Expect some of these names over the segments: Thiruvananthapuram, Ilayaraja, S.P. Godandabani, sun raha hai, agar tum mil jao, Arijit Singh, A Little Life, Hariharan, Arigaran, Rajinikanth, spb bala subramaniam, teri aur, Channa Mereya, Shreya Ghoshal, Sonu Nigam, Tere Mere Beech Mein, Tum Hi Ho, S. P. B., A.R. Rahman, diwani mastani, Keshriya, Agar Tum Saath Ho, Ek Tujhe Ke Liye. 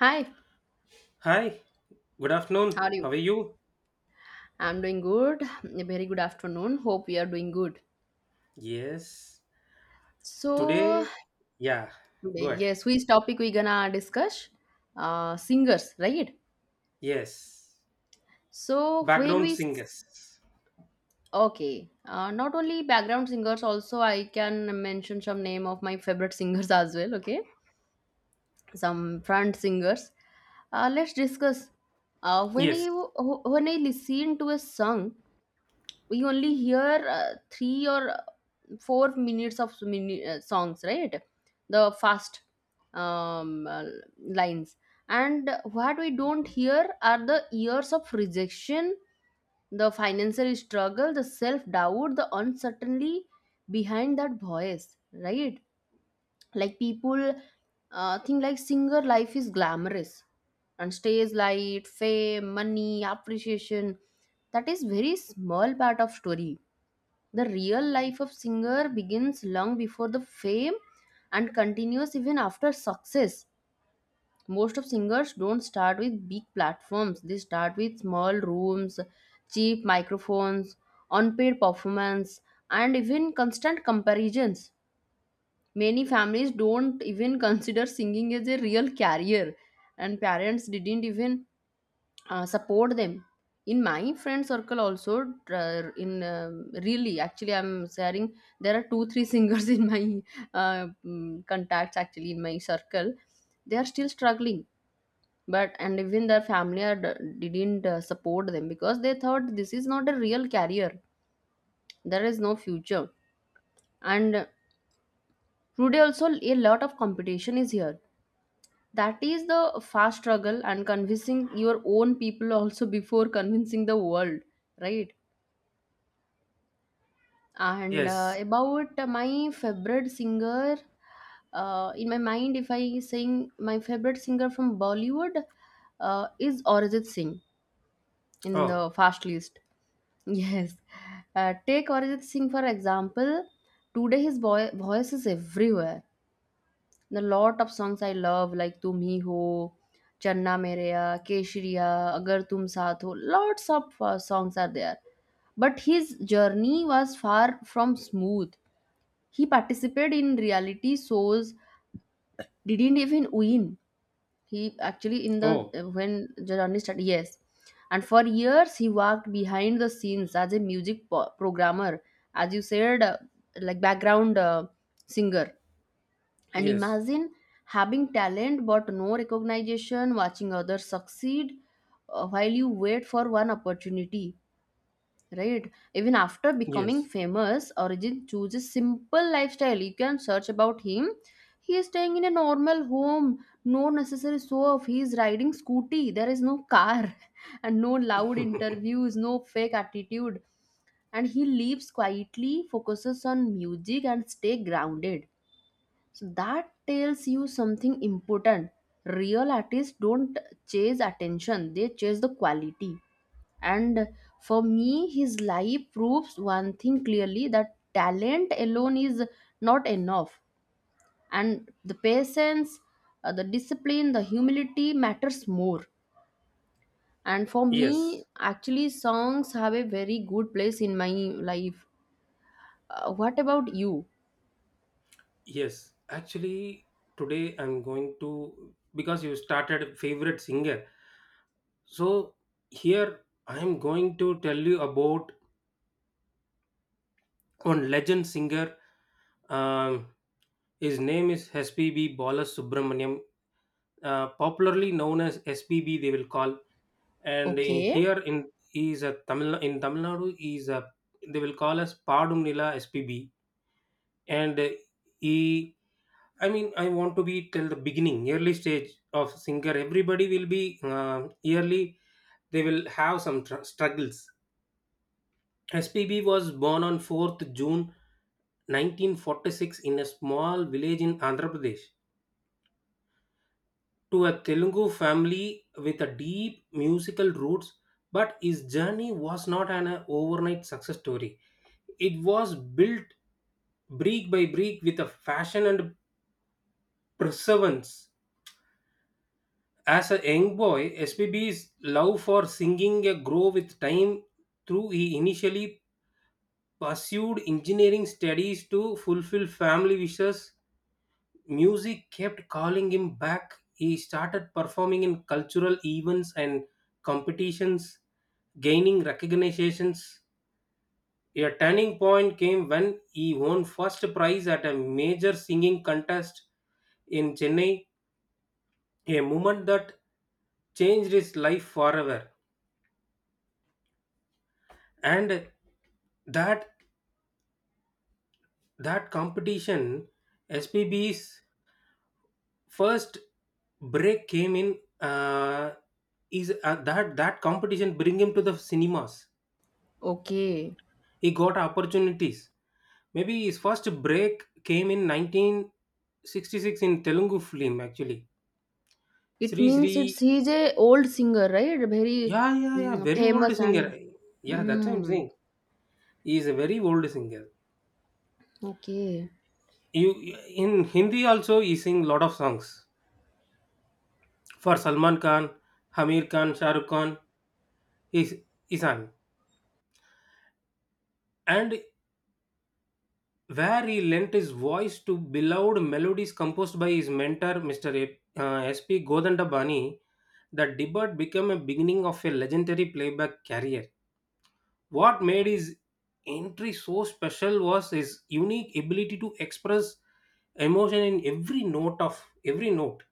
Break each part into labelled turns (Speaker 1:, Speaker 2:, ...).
Speaker 1: Hi,
Speaker 2: Hi, good
Speaker 1: how
Speaker 2: afternoon.
Speaker 1: are you?
Speaker 2: How are you?
Speaker 1: I'm doing good. A very good afternoon. Hope we are doing good.
Speaker 2: Yes.
Speaker 1: So,
Speaker 2: Today, yeah,
Speaker 1: today,
Speaker 2: good.
Speaker 1: yes, which topic we gonna discuss? Singers, right?
Speaker 2: Yes.
Speaker 1: So when
Speaker 2: Background
Speaker 1: we s-
Speaker 2: singers.
Speaker 1: okay, not only background singers, also I can mention some name of my favorite singers as well. Okay, some front singers. Let's discuss. Uh, when
Speaker 2: Yes.
Speaker 1: you when I listen to a song, we only hear 3 or 4 minutes of songs, right? The fast um, uh, lines, and what we don't hear are the years of rejection, the financial struggle, the self-doubt, the uncertainty behind that voice, right? Like people think like singer life is glamorous, and stage light, fame, money, appreciation, that is very small part of story. The real life of singer begins long before the fame and continues even after success. Most of singers don't start with big platforms. They start with small rooms, cheap microphones, unpaid performance, and even constant comparisons. Many families don't even consider singing as a real career, and parents didn't even support them. In my friend circle also, tr- in really actually I'm sharing, there are 2 3 singers in my contacts, actually, in my circle. They are still struggling, but and even their family are, didn't support them because they thought this is not a real career, there is no future. And today also a lot of competition is here. That is the fast struggle and convincing your own people also before convincing the world, right? And
Speaker 2: Yes.
Speaker 1: about my favorite singer, in my mind, if I sing, my favorite singer from Bollywood is Arijit Singh, in
Speaker 2: Oh,
Speaker 1: the fast list. Yes, take Arijit Singh for example. Today his voice is everywhere. The lot of songs I love like Tum Hi Ho, Channa Mereya, Keshriya, Agar Tum Saath Ho. Lots of songs are there. But his journey was far from smooth. He participated in reality shows, didn't even win. He actually in the
Speaker 2: oh,
Speaker 1: when Jadani started, yes, and for years he worked behind the scenes as a programmer, as you said, like background singer. And
Speaker 2: yes.
Speaker 1: imagine having talent but no recognition, watching others succeed, while you wait for one opportunity, right? Even after becoming
Speaker 2: Yes.
Speaker 1: famous, Arjun chooses simple lifestyle, you can search about him. He is staying in a normal home, no necessary show off, he is riding scooty, there is no car. And no loud interviews, no fake attitude. And he lives quietly, focuses on music and stay grounded. So that tells you something important. Real artists don't chase attention, they chase the quality. And for me, his life proves one thing clearly, that talent alone is not enough, and the patience, the discipline, the humility matters more. And for me
Speaker 2: Yes.
Speaker 1: actually songs have a very good place in my life. What about you?
Speaker 2: Yes. Actually, today I'm going to, because you started favorite singer. So, here I am going to tell you about one legend singer um, his name is spb bala subramaniam popularly known as spb they will call and
Speaker 1: Okay.
Speaker 2: here in he is a tamil in tamil nadu he is a they will call as padum nila spb and he I mean I want to be till the beginning early stage of singer everybody will be um, yearly they will have some struggles. SPB was born on 4th June 1946 in a small village in Andhra Pradesh to a Telugu family with a deep musical roots, but his journey was not an overnight success story. It was built brick by brick with a fashion and perseverance. As a young boy, S. P. B.'s love for singing grew with time through. He initially pursued engineering studies to fulfill family wishes. Music kept calling him back. He started performing in cultural events and competitions, gaining recognitions. A turning point came when he won first prize at a major singing contest in Chennai, a moment that changed his life forever. And that that competition, SPB's first break came in is that that competition bring him to the cinemas.
Speaker 1: Okay,
Speaker 2: He got opportunities. Maybe his first break came in 1966 in telugu film actually,
Speaker 1: it
Speaker 2: sri sri.
Speaker 1: means it's he's a old singer, right? Very
Speaker 2: Yeah, very old
Speaker 1: famous,
Speaker 2: singer.
Speaker 1: and
Speaker 2: Yeah, that's what I'm
Speaker 1: mm,
Speaker 2: saying. He is a very old singer.
Speaker 1: okay,
Speaker 2: You in hindi also he sing lot of songs for salman khan, hamir khan, shahrukh khan. He he and where he lent his voice to beloved melodies composed by his mentor, Mr. S.P. Godandabani, the debut became a beginning of a legendary playback career. What made his entry so special was his unique ability to express emotion in every note,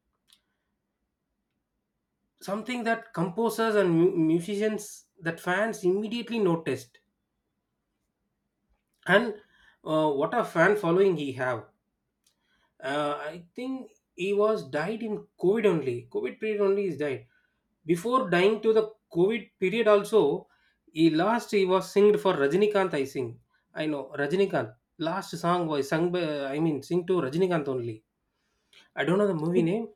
Speaker 2: something that composers and musicians that fans immediately noticed. And what a fan following he have! I think he was died in COVID only. COVID period only is died. Before dying to the COVID period also, he was singed for Rajinikanth. I sing. I know Rajinikanth. Last song was sung by I mean sing to Rajinikanth only. I don't know the movie
Speaker 1: it,
Speaker 2: name.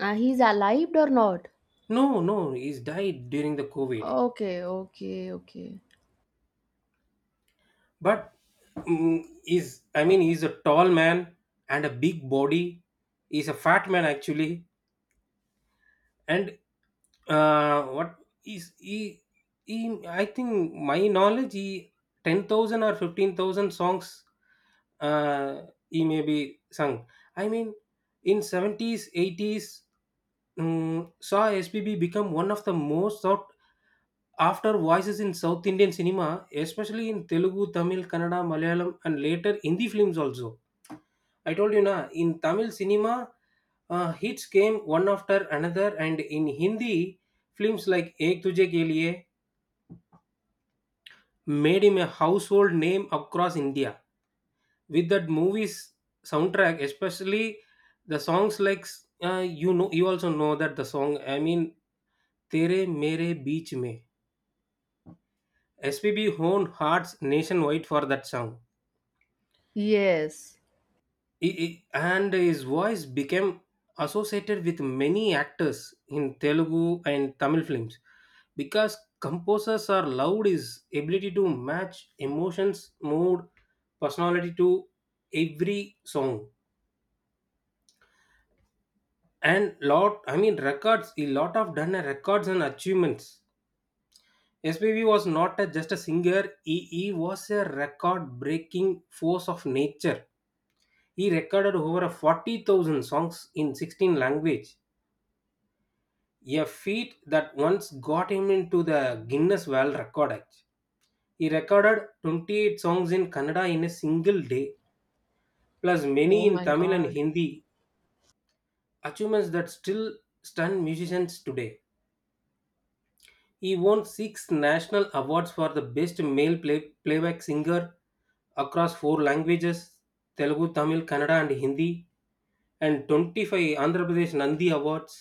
Speaker 1: he's alive or not?
Speaker 2: No, no, he's died during the COVID.
Speaker 1: Okay, okay, okay.
Speaker 2: But is I mean he's a tall man and a big body. He's a fat man actually, and uh what is he, he I think my knowledge he 10,000 or 15,000 songs uh he may be sung. I mean, in 70s 80s saw SPB become one of the most sought after voices in South Indian cinema, especially in Telugu, Tamil, Kannada, Malayalam, and later Hindi films also. I told you na in Tamil cinema, hits came one after another, and in Hindi, films like Ek Tujhe Ke Liye made him a household name across India. With that movie's soundtrack, especially the songs like, you know, you also know that the song. I mean, Tere Mere Beech Mein. SPB honed hearts nationwide for that song.
Speaker 1: Yes.
Speaker 2: And his voice became associated with many actors in Telugu and Tamil films because composers are loved his ability to match emotions, mood, personality to every song. And lot, I mean, records, a lot of done a records and achievements. SPV was not a, just a singer, he was a record breaking force of nature. He recorded over 40,000 songs in 16 language, a feat that once got him into the Guinness World Record. Act. He recorded 28 songs in Kannada in a single day, plus many
Speaker 1: Oh
Speaker 2: in
Speaker 1: my
Speaker 2: Tamil and
Speaker 1: God.
Speaker 2: Hindi, achievements that still stun musicians today. He won six national awards for the best male playback singer across four languages, Telugu, Tamil, Kannada, and Hindi, and 25 Andhra Pradesh Nandi Awards.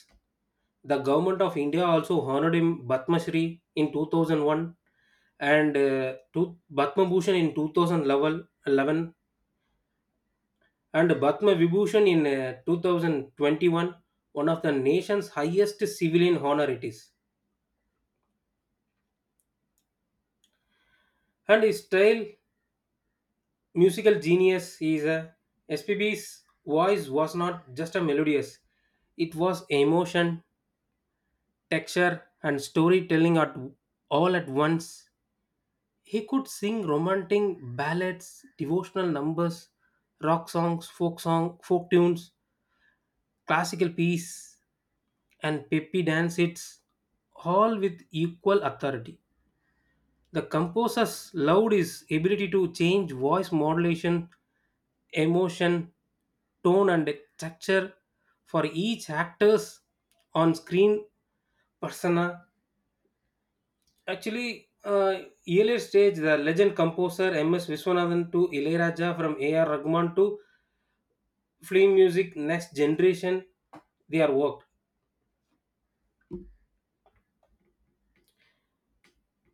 Speaker 2: The government of India also honored him Batma Shri in 2001, and Batma Bhushan in 2011, and Batma Vibhushan in 2021, one of the nation's highest civilian honor it is. And his style, musical genius, is a SPB's voice was not just a melodious, it was emotion, texture, and storytelling at all at once. He could sing romantic ballads, devotional numbers, rock songs, folk song, folk tunes, classical piece, and peppy dance hits, all with equal authority. The composer's loud is ability to change voice modulation, emotion, tone, and texture for each actor's on-screen persona. Actually, earlier stage, the legend composer M.S. Viswanathan to Ilayaraja from A.R. Rahman to film music next generation, they are worked.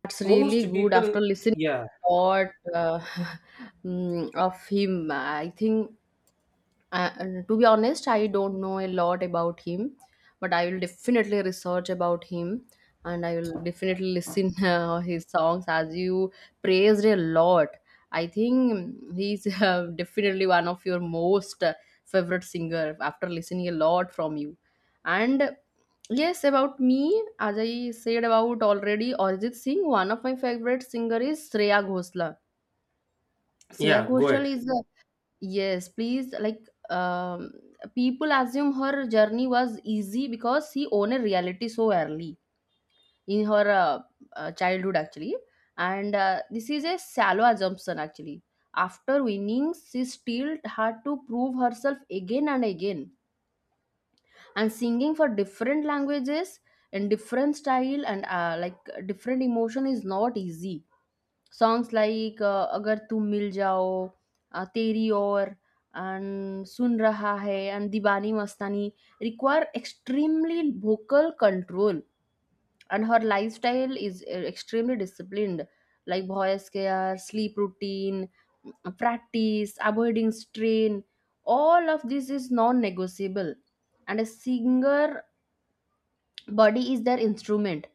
Speaker 1: That's
Speaker 2: Most
Speaker 1: really good. After
Speaker 2: people,
Speaker 1: listening
Speaker 2: yeah.
Speaker 1: a lot uh, of him, I think and to be honest, I don't know a lot about him, but I will definitely research about him, and I will definitely listen his songs as you praised a lot. I think he's definitely one of your most favorite singer after listening a lot from you. And yes, about me, as I said about already, Arijit Singh, one of my favorite singer is Shreya Ghoshal. Shreya
Speaker 2: Yeah, go
Speaker 1: Ghoshal
Speaker 2: ahead.
Speaker 1: is, yes, please. Like, people assume her journey was easy because she owned a reality so early in her childhood, actually. And this is a shallow assumption, actually. After winning, she still had to prove herself again and again. And singing for different languages and different style, and like different emotion, is not easy. Songs like agar tum mil jao, teri aur, and sun raha hai and diwani mastani require extremely vocal control, and her lifestyle is extremely disciplined, like voice care, sleep routine, practice, avoiding strain. All of this is non-negotiable. And a singer body is their instrument.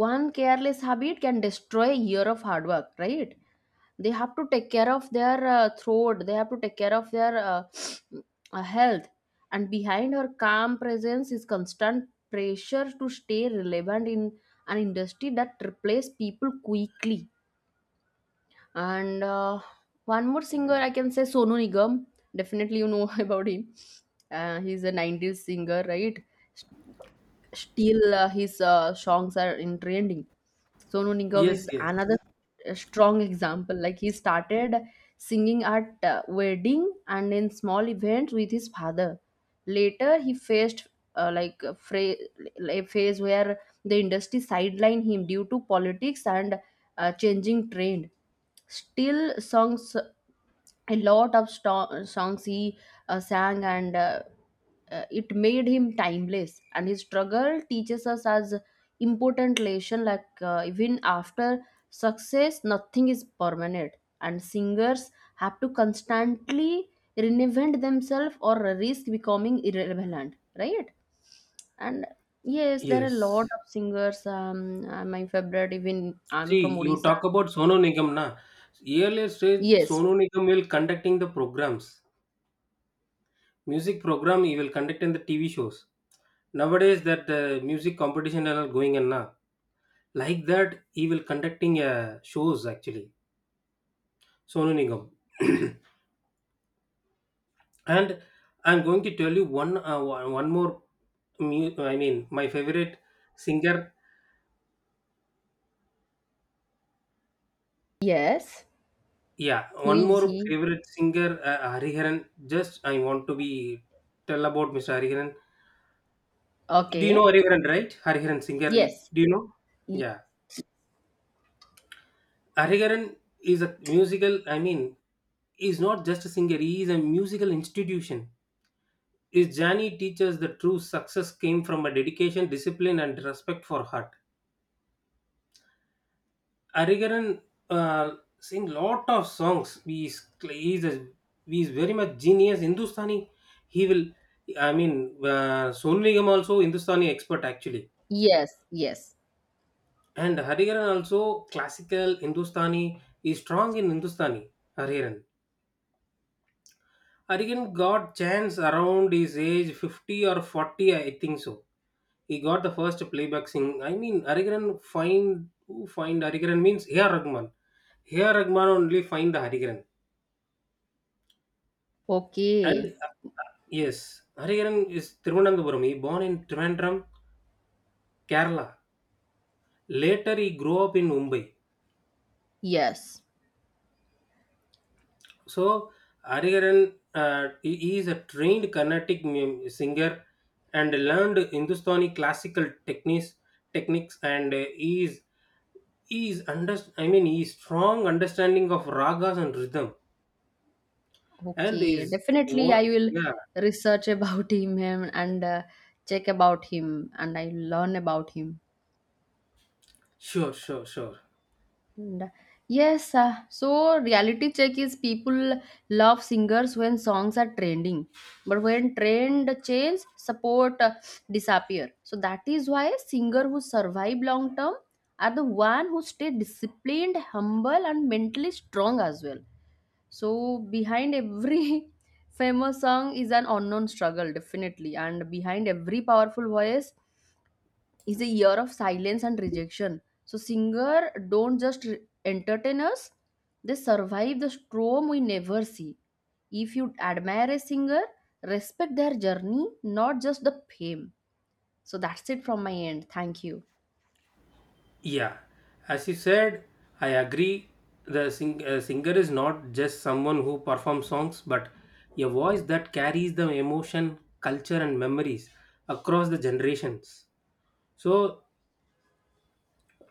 Speaker 1: One careless habit can destroy a year of hard work, right? They have to take care of their throat, they have to take care of their health. And behind her calm presence is constant pressure to stay relevant in an industry that replaces people quickly. And one more singer I can say, Sonu Nigam, definitely you know about him. He's a 90s singer, right? Still, his songs are in trending. Sonu Nigam
Speaker 2: Yes,
Speaker 1: is
Speaker 2: yes,
Speaker 1: another strong example. Like he started singing at wedding and in small events with his father. Later, he faced like a, a phase where the industry sidelined him due to politics and changing trend. Still, songs, a lot of sto- songs he sang, and it made him timeless, and his struggle teaches us as important lesson, like even after success nothing is permanent, and singers have to constantly reinvent themselves or risk becoming irrelevant, right? And yes, there are a lot
Speaker 2: yes.
Speaker 1: of singers. My favorite, even I'm
Speaker 2: See,
Speaker 1: from
Speaker 2: you
Speaker 1: Odisha.
Speaker 2: talk about Sonu Nigam na. Earlier stage,
Speaker 1: Yes,
Speaker 2: Sonu Nigam will conducting the programs. Music program he will conduct in the TV shows. Nowadays that the music competition are going and na. Like that, he will conducting shows actually. Sonu Nigam. And I'm going to tell you one more I mean my favorite singer.
Speaker 1: yes.
Speaker 2: Yeah,
Speaker 1: Who
Speaker 2: one
Speaker 1: is
Speaker 2: more
Speaker 1: he?
Speaker 2: favorite singer, Hariharan. Just I want to be tell about Mr. Hariharan. Do you know
Speaker 1: Okay.
Speaker 2: Hariharan, right? Hariharan singer.
Speaker 1: Yes.
Speaker 2: Do you know?
Speaker 1: Y-
Speaker 2: Yeah, Hariharan is a musical. I mean, is not just a singer. He is a musical institution. His journey teaches the true success came from a dedication, discipline, and respect for art. Arigaran sing lot of songs. He is very much genius. Hindustani, he will. I mean, Sonu Nigam also Hindustani expert actually,
Speaker 1: yes, yes.
Speaker 2: and Harigaran also classical Hindustani. He is strong in Hindustani. Harigaran. Harigaran got chance around his age 50 or 40, I think so. He got the first playback sing. I mean, Harigaran find who find Harigaran means A.R. Rahman. A.R. Rahman only find the Harigaran. And
Speaker 1: Okay,
Speaker 2: yes, Hariharan is Thiruvananthapuram. He born in Trivandrum, Kerala. Later, he grew up in Mumbai.
Speaker 1: yes.
Speaker 2: So, Hariharan, he is a trained Carnatic singer and learned Hindustani classical techniques, and he is under, I mean, he is strong understanding of ragas and rhythm, and
Speaker 1: Okay, definitely. I will
Speaker 2: yeah,
Speaker 1: research about him, and, check about him, and I learn about him.
Speaker 2: sure, sure, sure.
Speaker 1: And, yes, so reality check is, people love singers when songs are trending, but when trend change, support disappear. So that is why singer who survive long term are the one who stay disciplined, humble, and mentally strong as well. So behind every famous song is an unknown struggle, definitely, and behind every powerful voice is a year of silence and rejection. So singer don't just entertain us, they survive the storm we never see. If you admire a singer, respect their journey, not just the fame. So that's it from my end. Thank you.
Speaker 2: Yeah, as you said, I agree. The singer is not just someone who performs songs, but a voice that carries the emotion, culture, and memories across the generations. So,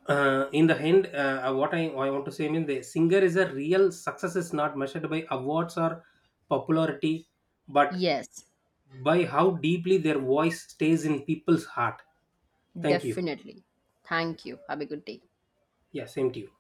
Speaker 2: in the end, what I want to say means the singer is a real success is not measured by awards or popularity, but
Speaker 1: Yes,
Speaker 2: by how deeply their voice stays in people's heart. Thank you.
Speaker 1: definitely. Thank you. Have a good day.
Speaker 2: Yeah, same to you.